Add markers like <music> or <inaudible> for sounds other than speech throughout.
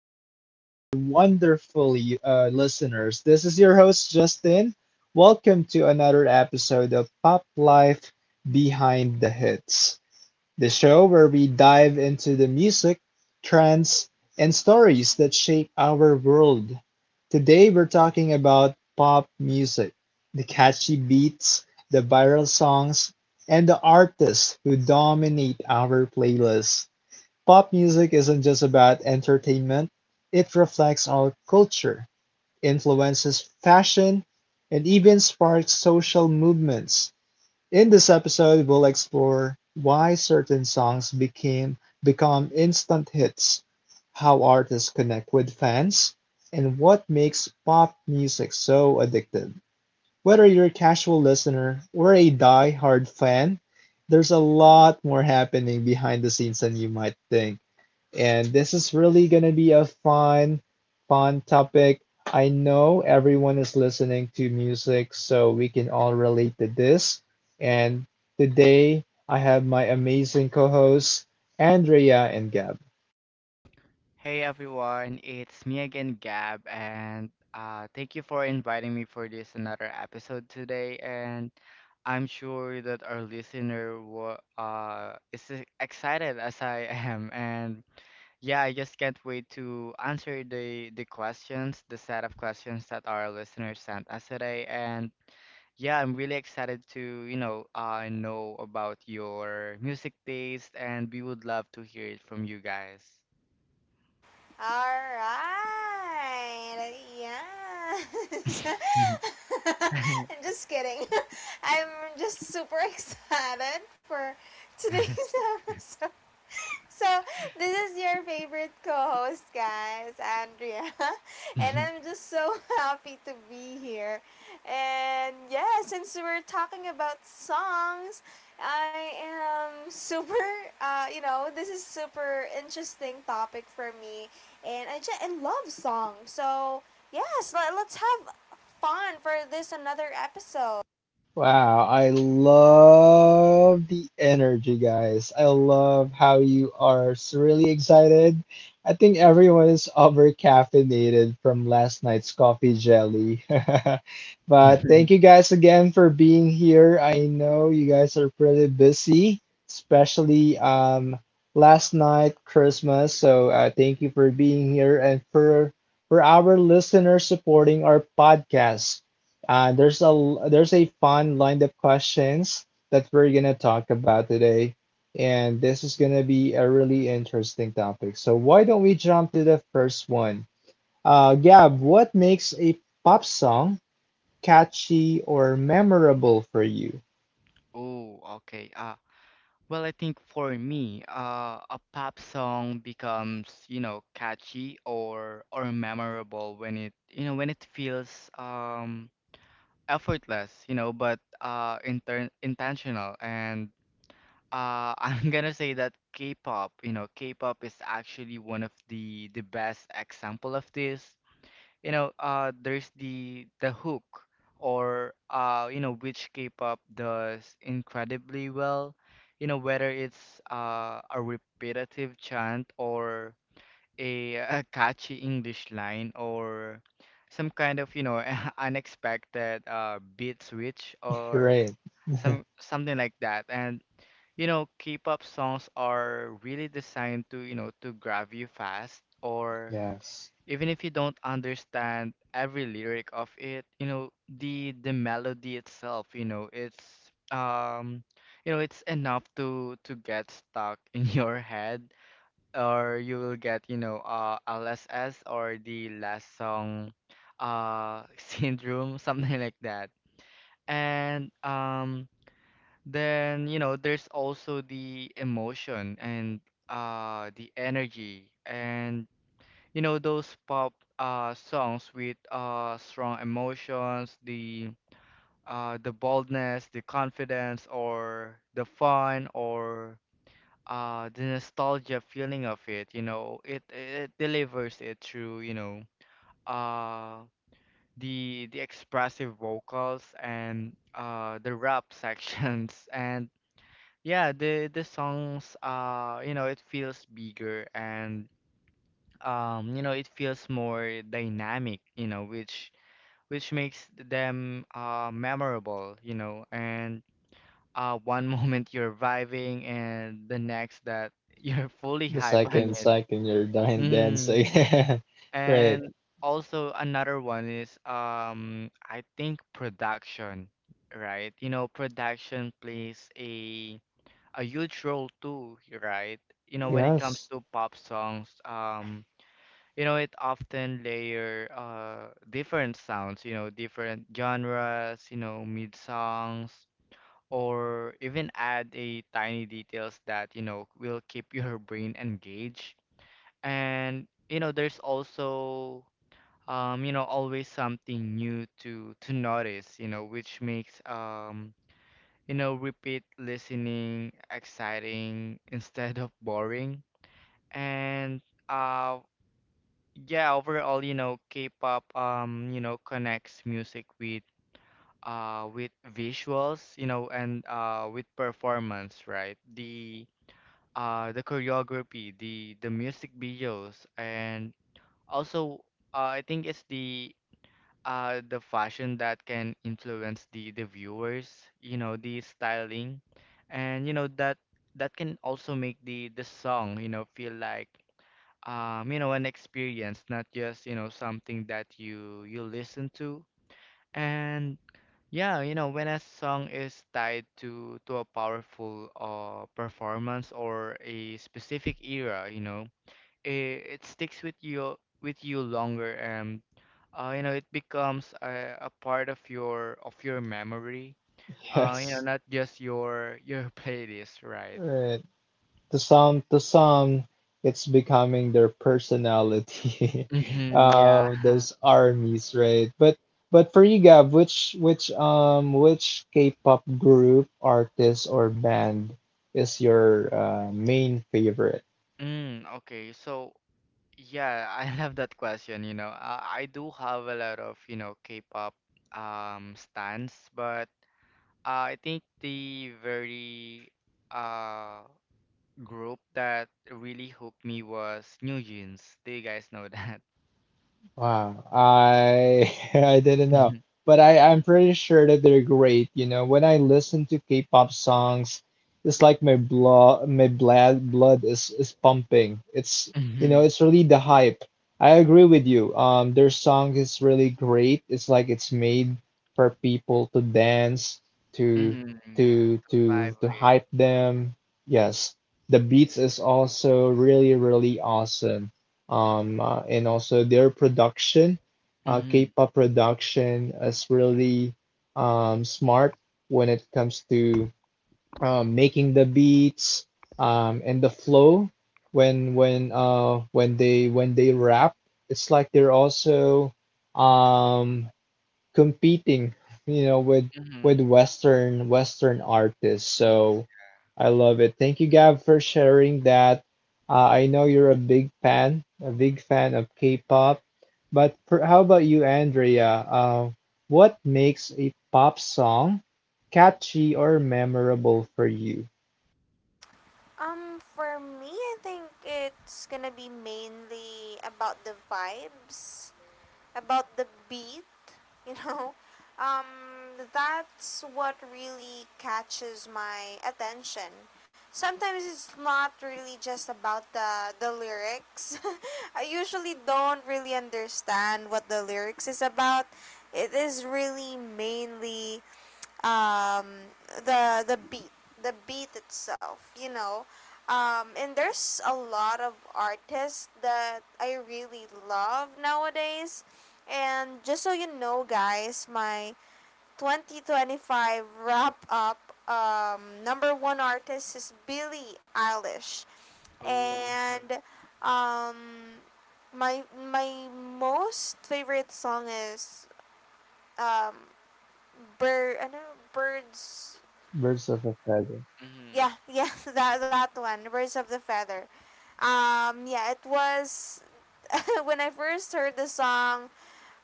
all of our wonderful listeners. This is your host, Justin. Welcome to another episode of Pop Life Behind the Hits, the show where we dive into the music, trends, and stories that shape our world. Today we're talking about pop music, the catchy beats, the viral songs, and the artists who dominate our playlists. Pop music isn't just about entertainment, it reflects our culture, influences fashion, and even sparks social movements. In this episode, we'll explore why certain songs became become instant hits, how artists connect with fans, and what makes pop music so addictive. Whether you're a casual listener or a die-hard fan, there's a lot more happening behind the scenes than you might think, and this is really going to be a fun topic. I know everyone is listening to music, so we can all relate to this. And today I have my amazing co hosts, Andrea and Gab. Hey everyone, it's me again, Gab, and thank you for inviting me for this another episode today. And I'm sure that our listener wa is excited as I <laughs> am. And yeah, I just can't wait to answer the questions, the set of questions that our listeners sent us today. And yeah, I'm really excited to, you know about your music taste, and we would love to hear it from you guys. All right. Yes. <laughs> I'm <laughs> <laughs> just kidding. <laughs> I'm just super <laughs> excited for today's <laughs> episode. So, this is your favorite co host, guys, Andrea. <laughs> And I'm <laughs> just so <laughs> happy to be here. And yeah, since we're talking about songs, I am super, this is super interesting topic for me. And I love songs. So, yes, let's have fun for this another episode. Wow, I love the energy, guys. I love how you are so really excited. I think everyone is over caffeinated from last night's coffee jelly. <laughs> But thank you guys again for being here. I know you guys are pretty busy, especially last night Christmas. So thank you for being here and for our listeners supporting our podcast. There's a fun lined-up questions that we're gonna talk about today, and this is gonna be a really interesting topic. So why don't we jump to the first one? Gab, what makes a pop song catchy or memorable for you? Oh, okay. Well, I think for me, a pop song becomes, you know, catchy or memorable when it, you know, when it feels effortless, you know, but inter intentional. And <laughs> I'm gonna say that K-pop, you know, K-pop is actually one of the best example of this. You know, there's the hook or you know, which K-pop does incredibly well, you know, whether it's a repetitive chant or a, <laughs> a catchy English line or some kind of, you know, <laughs> unexpected beat switch or Right. Something like that. And you know, K-pop songs are really designed to, you know, to grab you fast, or Yes. even if you don't understand every lyric of it, you know, the melody itself, you know, it's you know, it's enough to get stuck in <laughs> your head or you will get, you know, LSS or the last song <laughs> syndrome, something like that. And then, you know, there's also the emotion and the energy. And you know, those pop songs with strong emotions, the boldness, the confidence, or the fun, or the nostalgia feeling of it, you know, it delivers it through, you know, uh the expressive vocals and the rap sections, <laughs> and yeah, the songs, you know, it feels bigger, and you know, it feels more dynamic, you know, which makes them memorable, you know. And one <laughs> moment you're vibing, and the next that <laughs> you're fully The hype on second it. second you're dying dancing. Mm. <laughs> Right. And also another one is, I think, production, right? You know, production plays a huge role too, right? You know, when it comes Yes. to pop songs, you know, it often layer different sounds, you know, different genres, you know, mid songs, or even add a tiny details that, you know, will keep your brain engaged. And you know, there's also, you know, always something new to notice, you know, which makes, you know, repeat listening exciting <laughs> instead of boring. And uh yeah, overall, you know, K-pop, you know, connects music with visuals, you know, and with performance, right? The choreography, the music videos, and also I think it's the fashion that can influence the viewers, you know, the styling, and you know that that can also make the song, you know, feel like, you know, an experience, not just, you know, something that you listen to. And yeah, you know, when a song is tied to a powerful performance or a specific era, you know, it sticks with you longer, and you know, it becomes a part of your memory. You Yes. know, not just your <laughs> your playlist, right? Right. To some, to some it's becoming their personality, <laughs> Hmm, yeah. those <laughs> armies, right? But for you, Gab, which K-pop group, artist, or band is your main favorite? Mm, okay. So yeah, I <laughs> love that question, you know. I do have a lot of, you know, K-pop stans, but I think the very uh group that really hooked me was New Jeans. Do you guys know <laughs> that? Wow, I <laughs> I didn't know, Mhm. but I'm pretty sure that they're great. You know, when I listen to K-pop songs, it's like my blood is pumping. It's, you know, Mhm. it's really the hype. I agree with you. Their song is really great. It's like it's made for people to dance to Mhm. Yeah, to to to vibe to with. hype them. Yes, the beats is also really awesome, and also their production, Mhm. K-pop production is really smart when it comes to making the beats, and the flow when they rap. It's like they're also um, competing, you know, with Mhm. Western artists. Mhm. So I love it. Thank you, Gab, for sharing that. I know you're a big fan of K-pop, but per, how about you, Andrea? What makes a pop song catchy or memorable for you? For me, I think it's gonna be mainly about the vibes, about the beat, you know. <laughs> That's what really catches my attention. Sometimes it's not really just about the lyrics. <laughs> I usually don't really understand what the lyrics is about. It is really mainly um, the the beat the beat itself. And there's a lot of artists that I really love nowadays, and just so you know, guys, my 2025 wrap up number one artist is Billie Eilish. Ooh. <laughs> And um, my my most favorite song is um, bird, I know, birds. Birds of a Feather. Mhm. Yeah, yeah, <laughs> that one, Birds of the Feather. Yeah, it was <laughs> when I first heard the song.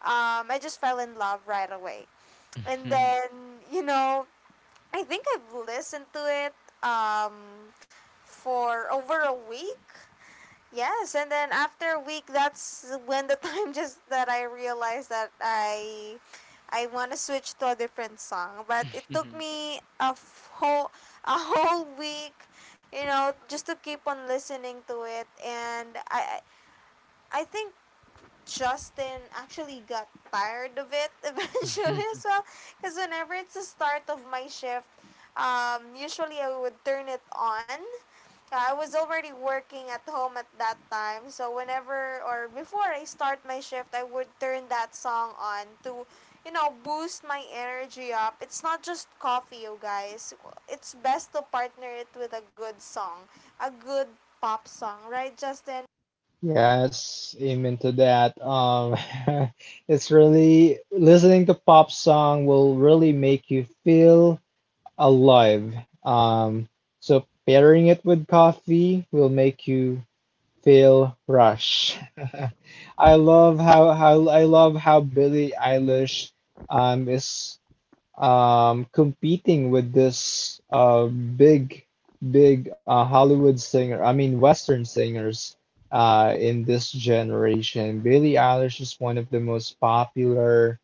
I just fell in love right away, and then, I think I've listened to it um for over a week. Yes, and then after a week, that's when the <laughs> time just that I realized that I want to switch to a different song. But Mhm. it took Mhm. me a whole week, you know, just to keep on listening to it. And I think Justin actually got tired of it <laughs> eventually as <laughs> well. Because whenever it's the start of my shift, usually I would turn it on. I was already working at home at that time, so whenever or before I start my shift, I would turn that song on to, boost my energy up. It's not just coffee, you guys. It's best to partner it with a good song, a good pop song, right, Justin? Yes, amen to that. <laughs> It's really listening to pop song will really make you feel alive. Um, so pairing it with coffee will make you feel rush. <laughs> I love how I love how Billie Eilish is competing with this big big Hollywood singer. I mean Western singers in this generation. Billie Eilish is one of the most popular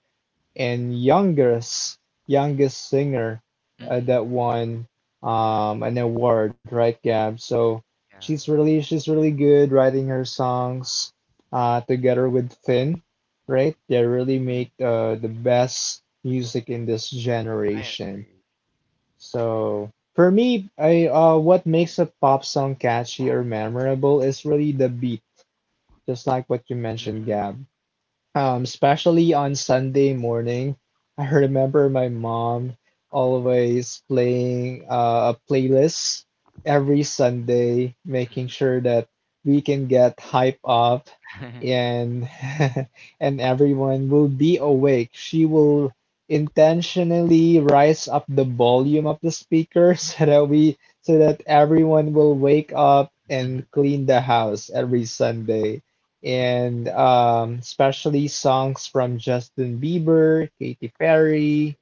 and youngest singer Mhm. that won an award, right, Gab? So Yeah. she's really, she's really good writing her songs together with Finn, right? They really Mhm. make the best music in this I generation. agree. So for me, I what makes a pop song catchy or memorable is really the beat, just like what you mentioned, Mhm. Gab. Especially on Sunday morning, I remember my mom always playing a playlist every Sunday, making sure that we can get hype up <laughs> and <laughs> and everyone will be awake. She will intentionally rise up the volume of the speaker <laughs> so that everyone will wake up Mhm, and clean the house every Sunday. And especially songs from Justin Bieber, Katy Perry,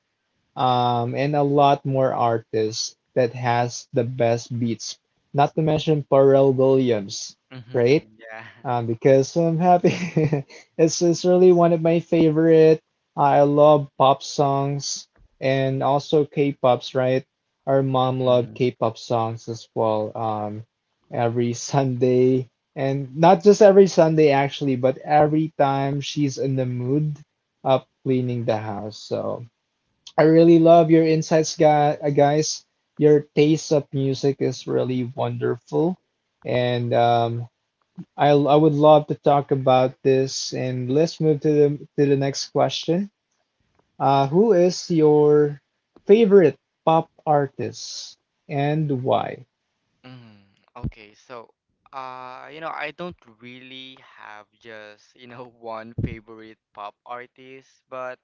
and a lot more artists that has the best beats. Not to mention Pharrell Williams, right? mhm, yeah. Because so I'm happy. <laughs> It's really one of my favorite. I love pop songs and also K-pops, right? Our mom loved Mhm, K-pop songs as well. Every <laughs> Sunday, and not just every Sunday actually, but every time she's in the mood of cleaning the house. So I really love your insights, guys. Your taste of music is really wonderful, and I would love to talk about this, and let's move to the next question. Who is your favorite pop artist and why? mhm. Okay, so you know, I don't really have just, you know, <laughs> one favorite pop artist,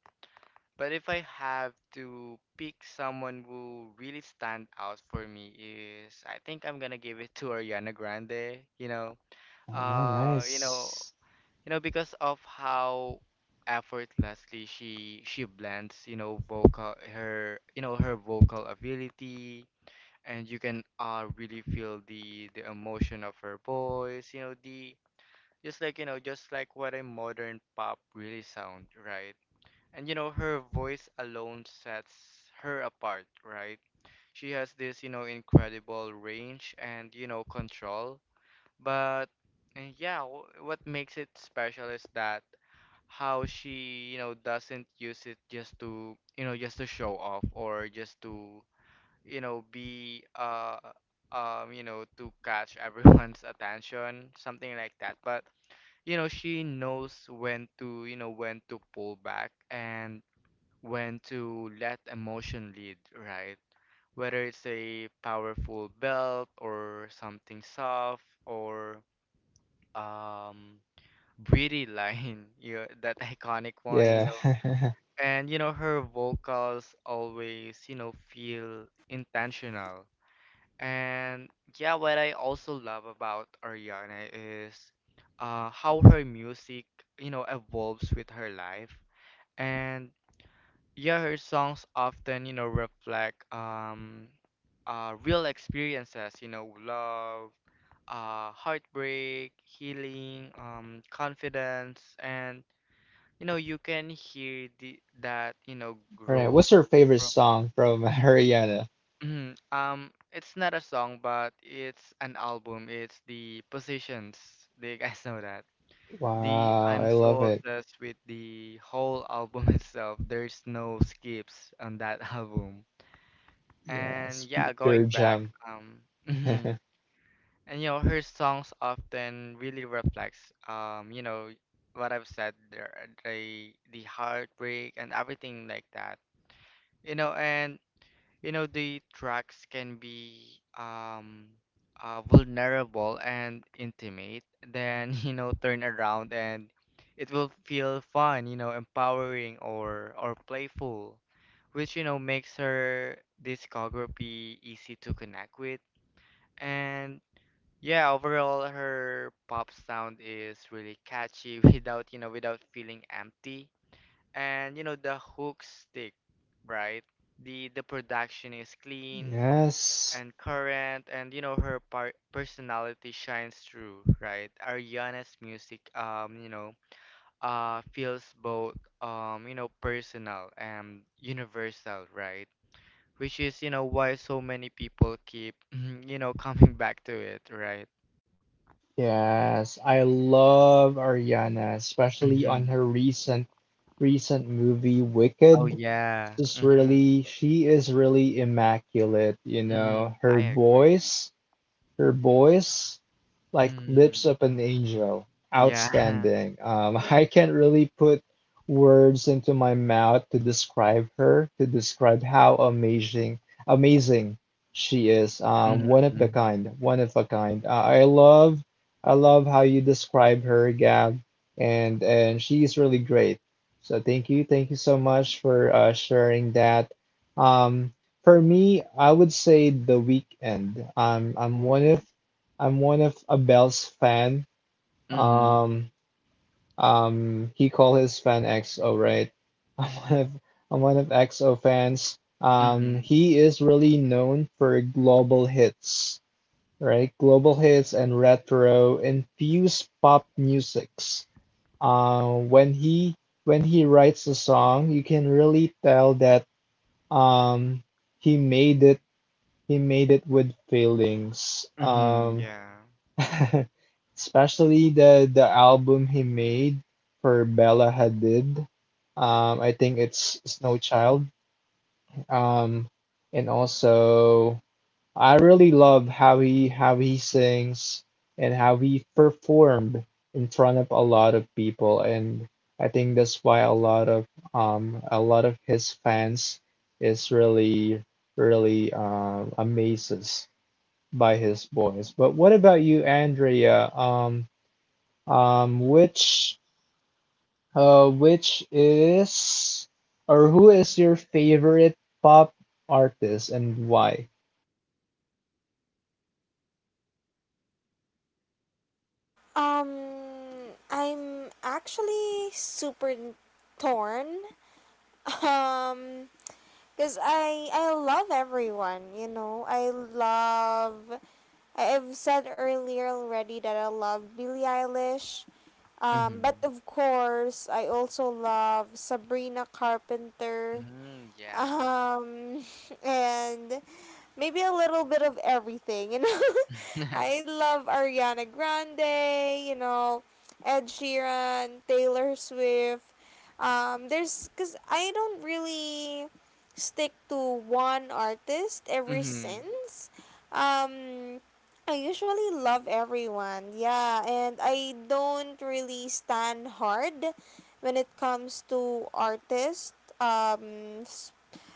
but if I have to pick someone who really stand out for me is I think I'm gonna give it to Ariana Grande, you know. Oh, You know, nice. Because of how effortlessly she blends, you know, you know, her vocal ability, and you can really feel the emotion of her voice, you know, the just like, you know, just like what a modern pop really sound, right? And you know, her voice alone sets her apart, right? She has this, you know, incredible range, and you know, control. But and yeah, what makes it special is that how she, you know, doesn't use it just to, you know, just to show off, or just to, you know, be you know, to catch <laughs> everyone's attention, something like that. But, you know, she knows when to, you know, when to pull back and when to let emotion lead, right? Whether it's a powerful belt or something soft or um breathy line, <laughs> you know, that iconic one, you Yeah. know. <laughs> All And you know, her vocals always, you know, feel intentional. And yeah, what I also love about Ariana is how her music, you know, evolves with her life. And yeah, her songs often, you know, reflect, real experiences, you know, love, heartbreak, healing, confidence, and you know, you can hear that, you know, right. growth. What's your favorite song from <laughs> Haryana? Mhm, it's not a song, but it's an album. It's the Positions. <laughs> Do you guys know that? The Wow, I'm I so love it. obsessed with the whole album <laughs> itself. There's no skips on that <laughs> album. And Yes, yeah, pu- pure going back, gem. <laughs> um, <laughs> mhm. And you know, her songs often really reflects, you know, what I've said there, the heartbreak and everything like that. You know, and you know, the tracks can be vulnerable and intimate, then <laughs> you know, turn around and it will feel fun, you know, empowering or playful, which, you know, makes her discography easy to connect with. And yeah, overall, her pop sound is really catchy <laughs> without, you know, without feeling empty. And you know, the hooks stick, right? The production is clean Yes, and current, and you know, her personality shines through, right? Ariana's music, you know, feels both, you know, personal and universal, right? Which is, you know, why so many people keep <laughs> <clears throat> you know, coming back to it, right? yes, I love Ariana, especially on Hmm. her recent movie Oh Wicked. yeah. She's Mm-hmm. really, she is really immaculate, you Mm-hmm. know. I agree. Her voice, like Mm-hmm. lips of an angel, Yeah. outstanding. <laughs> I can't really put words into my mouth to describe her, to describe how amazing, amazing she is. <laughs> One of the Mm-hmm. kind, one of a kind. I love how you describe her, Gab, and she's really great. So thank you so much for sharing that. Um, for me, I would say The Weeknd. I'm one of, Ooh. I'm one of Abel's fan. Mm-hmm. Um, he called his fan XO, right? <laughs> I'm one of, I'm one of XO fans. Mm-hmm. He is really known for global hits, right? Global hits and retro infused pop musics. When he, when he writes a song, you can really tell that um he made it, he made it with feelings. Mm-hmm. Yeah. <laughs> especially the album he made for Bella Hadid. I think it's Snow Child. Um, and also I really love how he, how he sings and how he performed in front of a lot of people, and I think that's why a lot of his fans is really really amazed by his boys. But what about you, Andrea? Which which is or who is your favorite pop artist and why? Um, I'm actually super torn. <laughs> Um, Cause I love everyone. You know, I love. I've said earlier already that I love Billie Eilish. But Mm-hmm. of course, I also love Sabrina Carpenter Mm, yeah. um <laughs> and maybe a little bit of everything. <laughs> I <laughs> love Ariana Grande, you know, Ed Sheeran, Taylor Swift. There's because I don't really stick to one artist ever Mhm. since. um I usually love everyone. Yeah, and I don't really stand hard when it comes to artists. Um,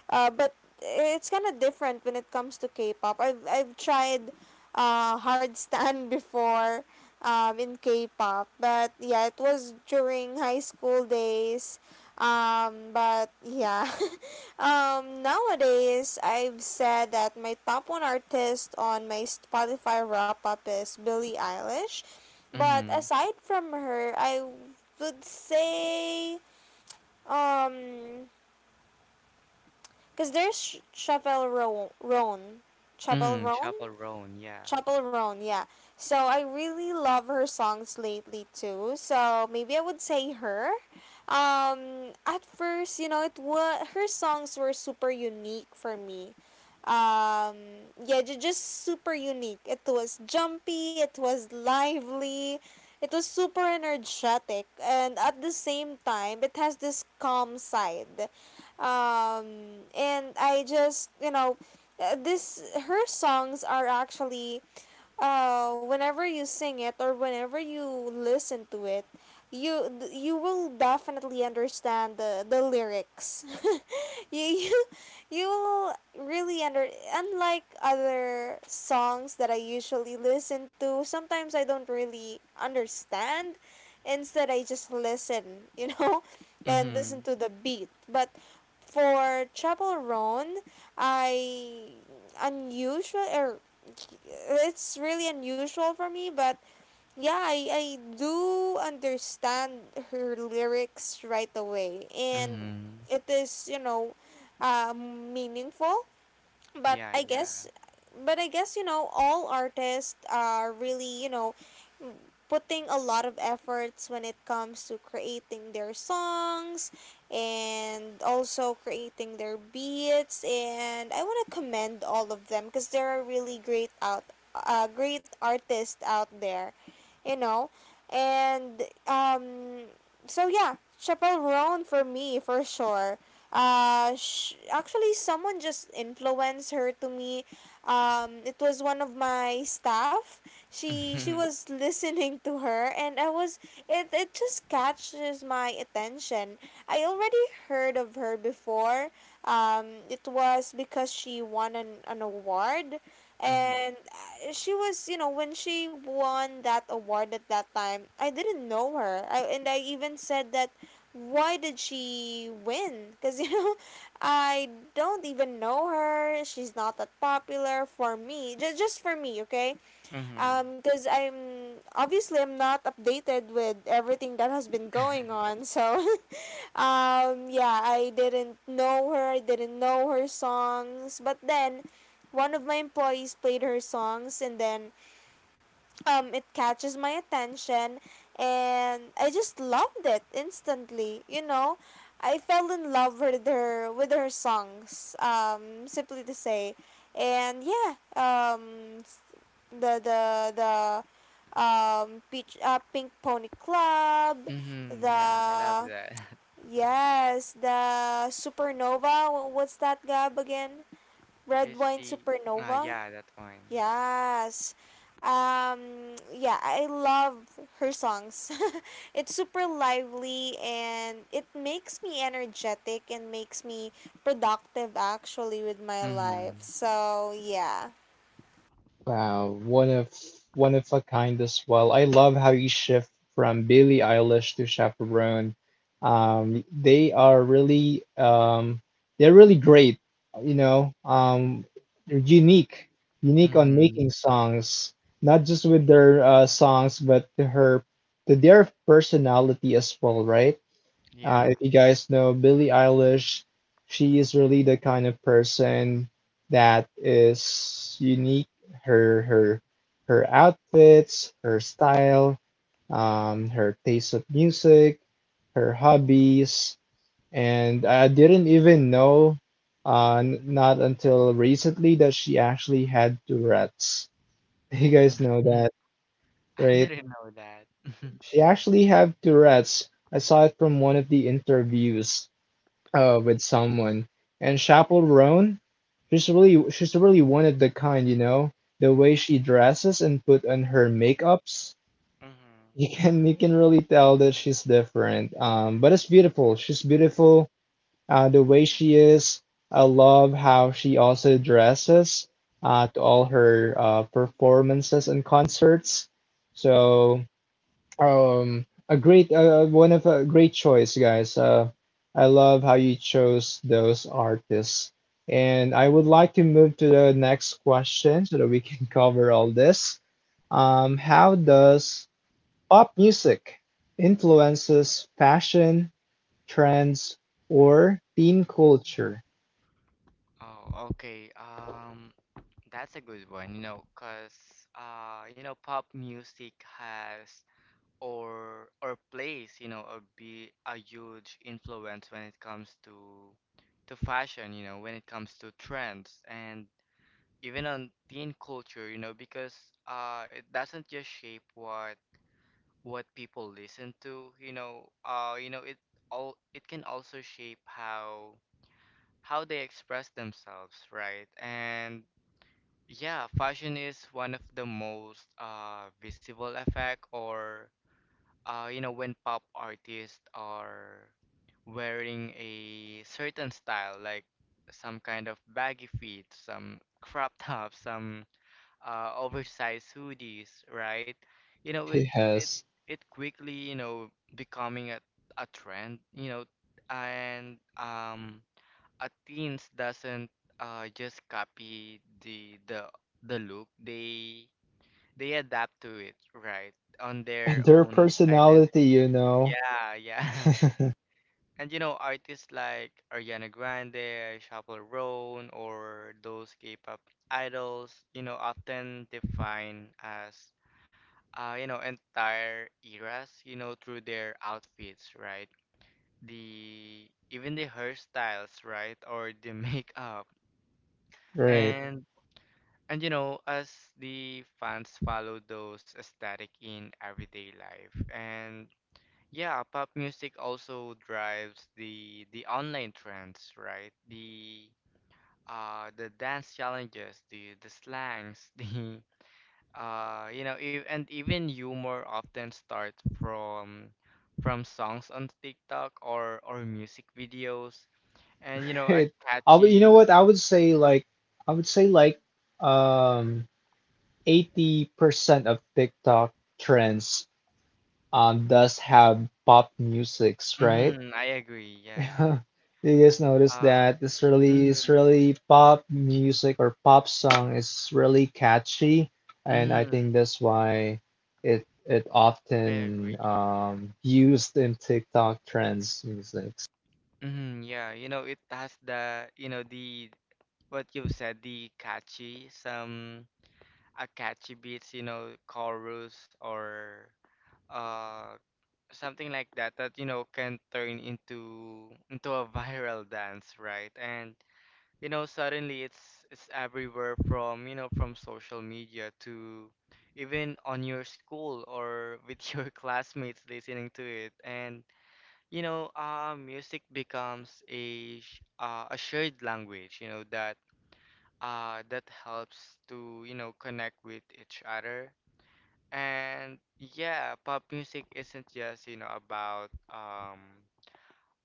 but it's kind of different when it comes to K-pop. I've tried hard stand <laughs> before in K-pop, but yeah, it was during high school days. But yeah, <laughs> nowadays I've said that my top one artist on my Spotify wrap up is Billie Eilish, but Mhm. aside from her, I would say um because there's Chavel Roan. Chavel Mhm. Roan? Chaperone, yeah. Chappell Roan, yeah. So I really love her songs lately too. So maybe I would say her. At first, you know, it was her songs were super unique for me. Yeah, just super unique. It was jumpy. It was lively. It was super energetic, and at the same time, it has this calm side. And I just you know this her songs are actually whenever you sing it, or whenever you listen to it, you you will definitely understand the lyrics. <laughs> you you you will really under Unlike other songs that I usually listen to, sometimes I don't really understand. Instead, I just listen, <laughs> and listen Mhm. to the beat, but for Chapel Roan I unusual or it's really unusual for me. But yeah, I do understand her lyrics right away, and Mhm. it is, meaningful. But Yeah, I yeah. guess, but I guess, you know, all artists are really, putting a lot of efforts when it comes to creating their songs, and also creating their beats. And I want to commend all of them because there are really great artists out there, you know. And so yeah, Chappelle Roan for me for sure. Actually someone just influenced her to me. It was one of my staff. <laughs> She Mhm. was listening to her, and I was. It just catches my attention. I already heard of her before. It was because she won an award. Mhm. And she was, when she won that award at that time, I didn't know her. And I even said that, why did she win? Cuz <laughs> I don't even know her. She's not that popular for me. Just for me, okay? Mhm. Because I'm obviously I'm not updated with everything that has been going Mhm. <laughs> on. So, <laughs> yeah, I didn't know her. I didn't know her songs. But then, one of my employees played her songs, and then, it catches my attention, and I just loved it instantly. You know, I fell in love with her, with her songs. Simply to say. And yeah, um, the the the peach pink pony club Yeah, I love the that. <laughs> Yes, the supernova. What's that, Gab, again? Red It's wine the supernova. yeah, that one. Yes, yeah, I love her songs. <laughs> It's super lively, and it makes me energetic, and makes me productive actually with my life, Mhm. so yeah. Wow, one of, one of a kind as well. I love how you shift from Billie Eilish to Chaperone. They are really they're really great, you know. They're unique, unique on Mhm. making songs, not just with their songs, but to her, to their personality as well, right? Yeah. If you guys know Billie Eilish, she is really the kind of person that is unique. Her her her outfits, her style, her taste of music, her hobbies, and I didn't even know, not until recently that she actually had Tourette's. <laughs> You guys know Mhm. that, <laughs> I right? didn't know that. <laughs> Mhm. She actually had Tourette's. I saw it from one of the interviews with someone. And Chaperone, she's really, she's really one of the kind, you know. The way she dresses and put on her makeups, <laughs> you Mm-hmm. can, you can really tell that she's different. But it's beautiful. She's beautiful. The way she is, I love how she also dresses to all her performances and concerts. So a great one of a great choice, guys. I love how you chose those artists. And I would like to move to the next question so that we can <laughs> cover all this. How does pop music influences fashion, trends, or teen culture? Oh, okay. That's a good one, you know, 'cause you know, pop music has or place, you know, or be a huge influence when it comes to fashion, you know, when it comes to trends and even on teen culture, you know, because it doesn't just shape what people listen to, you know, it all it can also shape how they express themselves, right? And yeah, fashion is one of the most visible effect or you know, when pop artists are wearing a certain style, like some kind of baggy feet, some crop <laughs> tops, some oversized hoodies, right? You know, <laughs> it Yes. it quickly, you know, becoming a trend, you know. And a teens doesn't just copy the look, they adapt to it, right? On And their their own, personality, you know. yeah, yeah. <laughs> And you know, artists like Ariana Grande, Chappell Roan, or those K-pop idols, you know, often define as, you know, entire eras, you know, through their outfits, right? The even the hairstyles, right? Or the <laughs> makeup. Right. <laughs> And and you know, as the fans follow those aesthetic in everyday life. And yeah, pop music also drives the online trends, right? The dance challenges, the slangs, <laughs> the you know, and even humor often start from from songs on TikTok or music videos, and you know, a Right. I would, you know catchy. what? I would say like I would say like um 80% of TikTok trends does have pop musics, right? Mm-hmm, I agree. <laughs> Yeah. Do you guys notice Uh, that this really mm, Israeli pop music or pop song is really catchy, and I mm, think that's why it, it I often agree. Used in TikTok trends music. Mm, yeah, you know, it has the, you know, the what you've said, the catchy, some a catchy beats, you know, chorus or uh something like that that, you know, can turn into a <laughs> viral dance, right? And you know, suddenly it's everywhere, from you know, from social media to even on your school or with <laughs> your classmates listening to it. And you know, music becomes a shared language, you know, that that helps to, you know, connect with each other. And yeah, pop music isn't just, you know, about um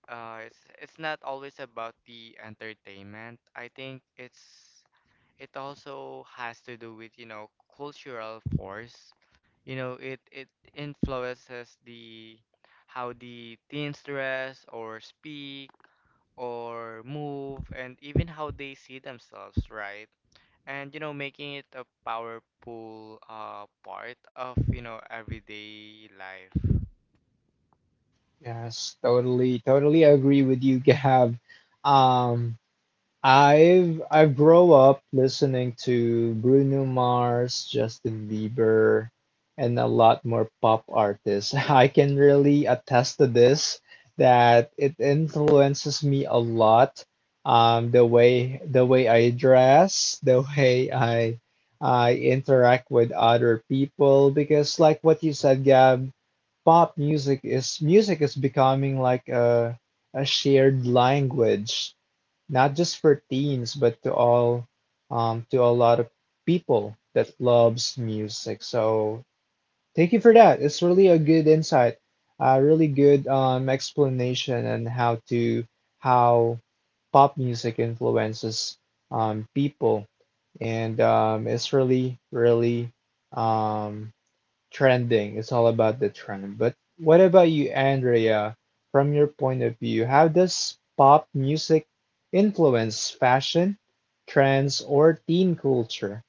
uh it's not always about the entertainment. I think it's it also has to do with, you know, cultural force. You know, it influences the how the teens dress or speak or move, and even how they see themselves, right? And you know, making it a powerful part of, you know, everyday life. Yes, totally, totally agree with you, Gab. Um, I've grown up listening to Bruno Mars, Justin Bieber, and a lot more pop artists. <laughs> I can really attest to this that it influences me a lot. The way I dress, the way I interact with other people, because like what you said, Gab, pop music is becoming like a shared language not just for teens, but to all to a lot of people that loves music. So thank you for that. It's really a good insight, a really good explanation on how to how pop music influences people, and it's really um, trending. It's all about the trend. But what about you, Andrea? From your point of view, how does pop music influence fashion, trends, or teen culture?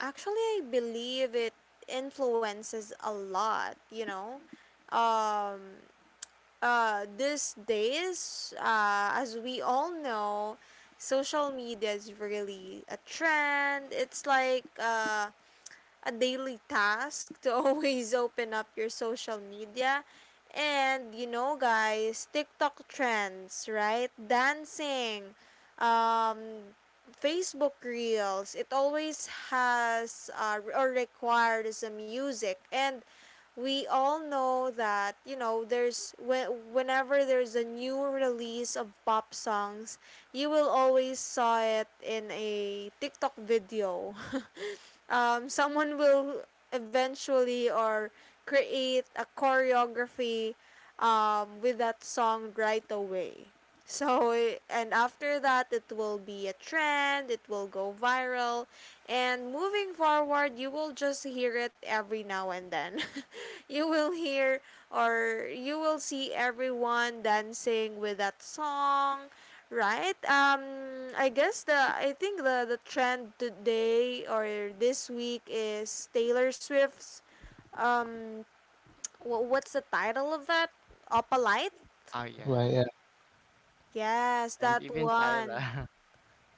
Actually, I believe it influences a lot, you know. Um, these days, as we all know, social media is really a trend. It's like, a daily task to <laughs> always open up your social media. And, you know, guys, TikTok trends, right? Dancing, um, Facebook Reels, it always has or requires a music. And we all know that, there's when whenever there's a new release of pop songs, you will always saw it in a tiktok video. <laughs> Someone will eventually or create a choreography with that song right away. So, and after that, it will be a trend. It will go viral, and moving forward, you will just hear it every now and then. <laughs> You will hear, or you will see everyone dancing with that song. Right. I guess the I think the trend today or this week is Taylor Swift's um what's the title of that? Opalite? Oh yeah. Right. Yes, And that even one. Tyler.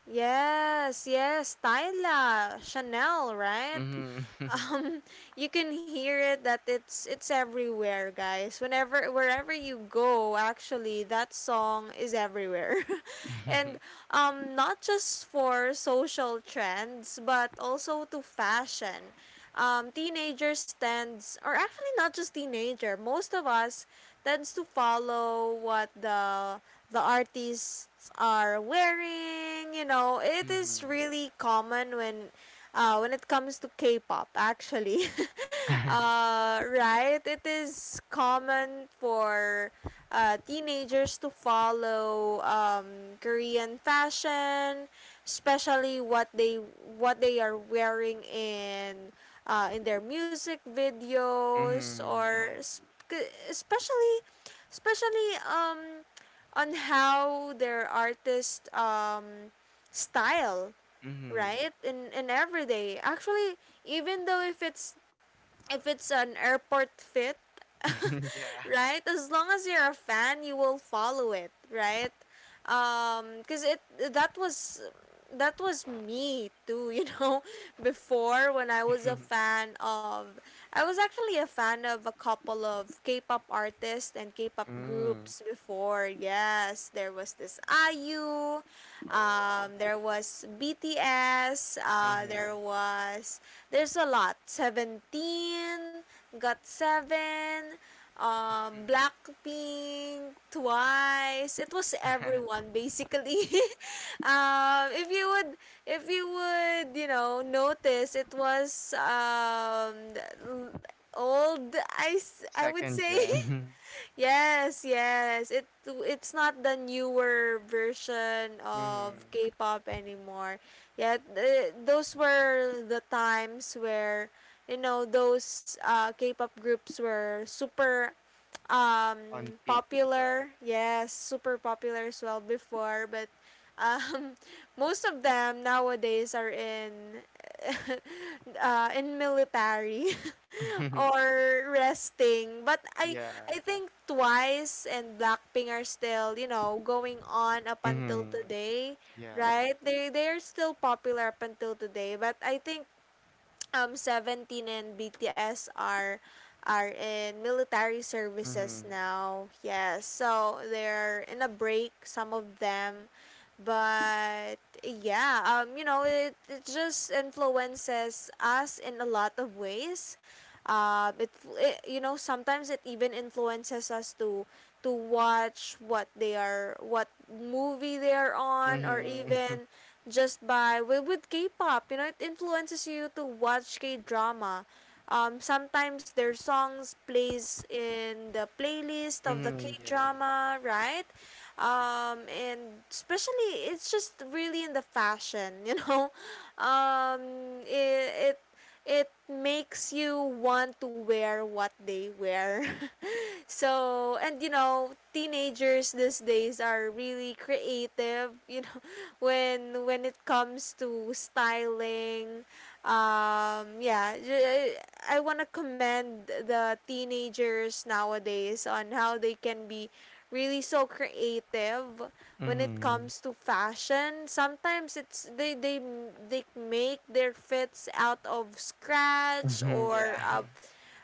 Yes, yes, Tyla, Chanel, <laughs> right? Mm-hmm. um you can hear it that it's everywhere, guys, whenever, wherever you go, actually that song is everywhere. <laughs> And not just for social trends, but also to fashion. Teenagers tends, or actually not just teenager, most of us tends to follow what the artists are wearing. You know, it is Mm-hmm. really common when it comes to K-pop, actually. <laughs> Right? It is common for, teenagers to follow, Korean fashion, especially what they are wearing in, in their music videos, Mm-hmm. <laughs> <laughs> or I agree. K- especially especially, on how their artist, style, Mm-hmm. right? In every day. Actually, even though if it's, an airport fit, <laughs> Yeah. <laughs> right? As long as you're a fan, you will follow it, right? Cause it that was that was me too, you know, <laughs> before when I was a <laughs> fan of, I was actually a fan of a couple of K-pop artists and K-pop Mm. groups before. Yes, there was this IU, Oh I there agree. was BTS, Mm-hmm. There's a lot. Seventeen, GOT7, Blackpink, Twice. It was <laughs> everyone basically. <laughs> um if you would if you would, you know, notice it was, l- old I, I would Second say. gen. <laughs> Yes, yes. It it's not the newer version <laughs> of Mm-hmm. K-pop anymore. Yet those were the times where, you know, those, K-pop groups were super, um On peak. Right. popular. Yes, super popular as well before, but, um <laughs> most of them nowadays are in <laughs> in military <laughs> <laughs> or resting. But i Yeah. i think Twice and Blackpink are still, you know, going on up until Mm-hmm. today, Yeah, yeah. right? They're still popular up until today, but I think, Seventeen and BTS are in military services Mm-hmm. now. Yes. So they're in a break, some of them. But yeah, you know, it just influences us in a lot of ways. It, it you know, sometimes it even influences us to watch what movie they're on, or Mm-hmm. even <laughs> just by with, K-pop. You know, it influences you to watch K-drama. Sometimes their songs plays in the playlist of the Mm-hmm, yeah. K-drama, right? And especially it's just really in the fashion. <laughs> Um, it it it makes you want to wear what they wear. <laughs> So, and you know, teenagers these days are really creative, <laughs> when it comes to styling. Yeah, I want to commend the teenagers nowadays on how they can be really so creative when it Mm-hmm. comes to fashion. Sometimes it's they make their fits out of scratch, Mm-hmm. or Yeah. uh,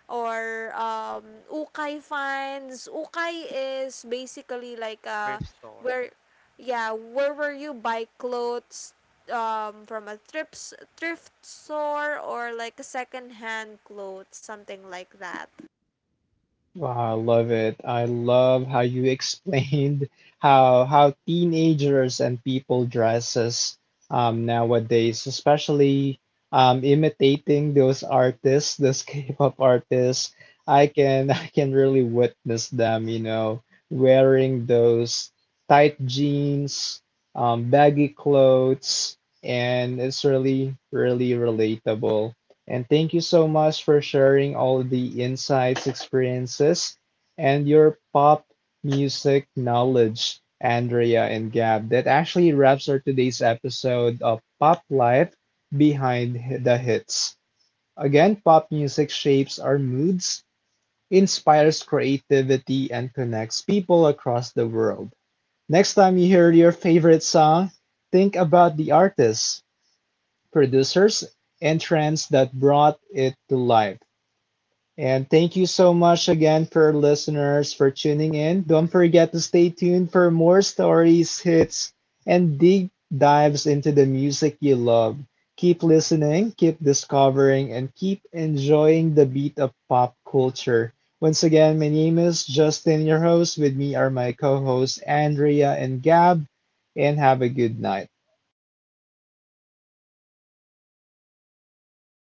or um, ukay funds. Ukay is basically like, <laughs> Thrift store. where, yeah, where you buy clothes, from a thrift thrift store, or like a second hand clothes, something like that. Wow, I love it. I love how you explained <laughs> how teenagers and people dresses nowadays, especially imitating those artists, those <laughs> K-pop artists. I can <laughs> I can really witness them, you know, wearing those tight jeans, baggy clothes, and it's really really relatable. And thank you so much for sharing all the insights, experiences, and your pop music knowledge, Andrea and Gab. That actually wraps our today's episode of Pop Life Behind the Hits. Again, pop music shapes our moods, inspires creativity, and connects people across the world. Next time you hear your favorite song, think about the artists, producers, and trends that brought it to life. And thank you so much again for our listeners for tuning in. Don't forget to stay tuned for more stories, hits, and deep dives into the music you love. Keep listening, keep discovering, and keep enjoying the beat of pop culture. Once again, my name is Justin, your host. With me are my co hosts, Andrea and Gab, and have a good night.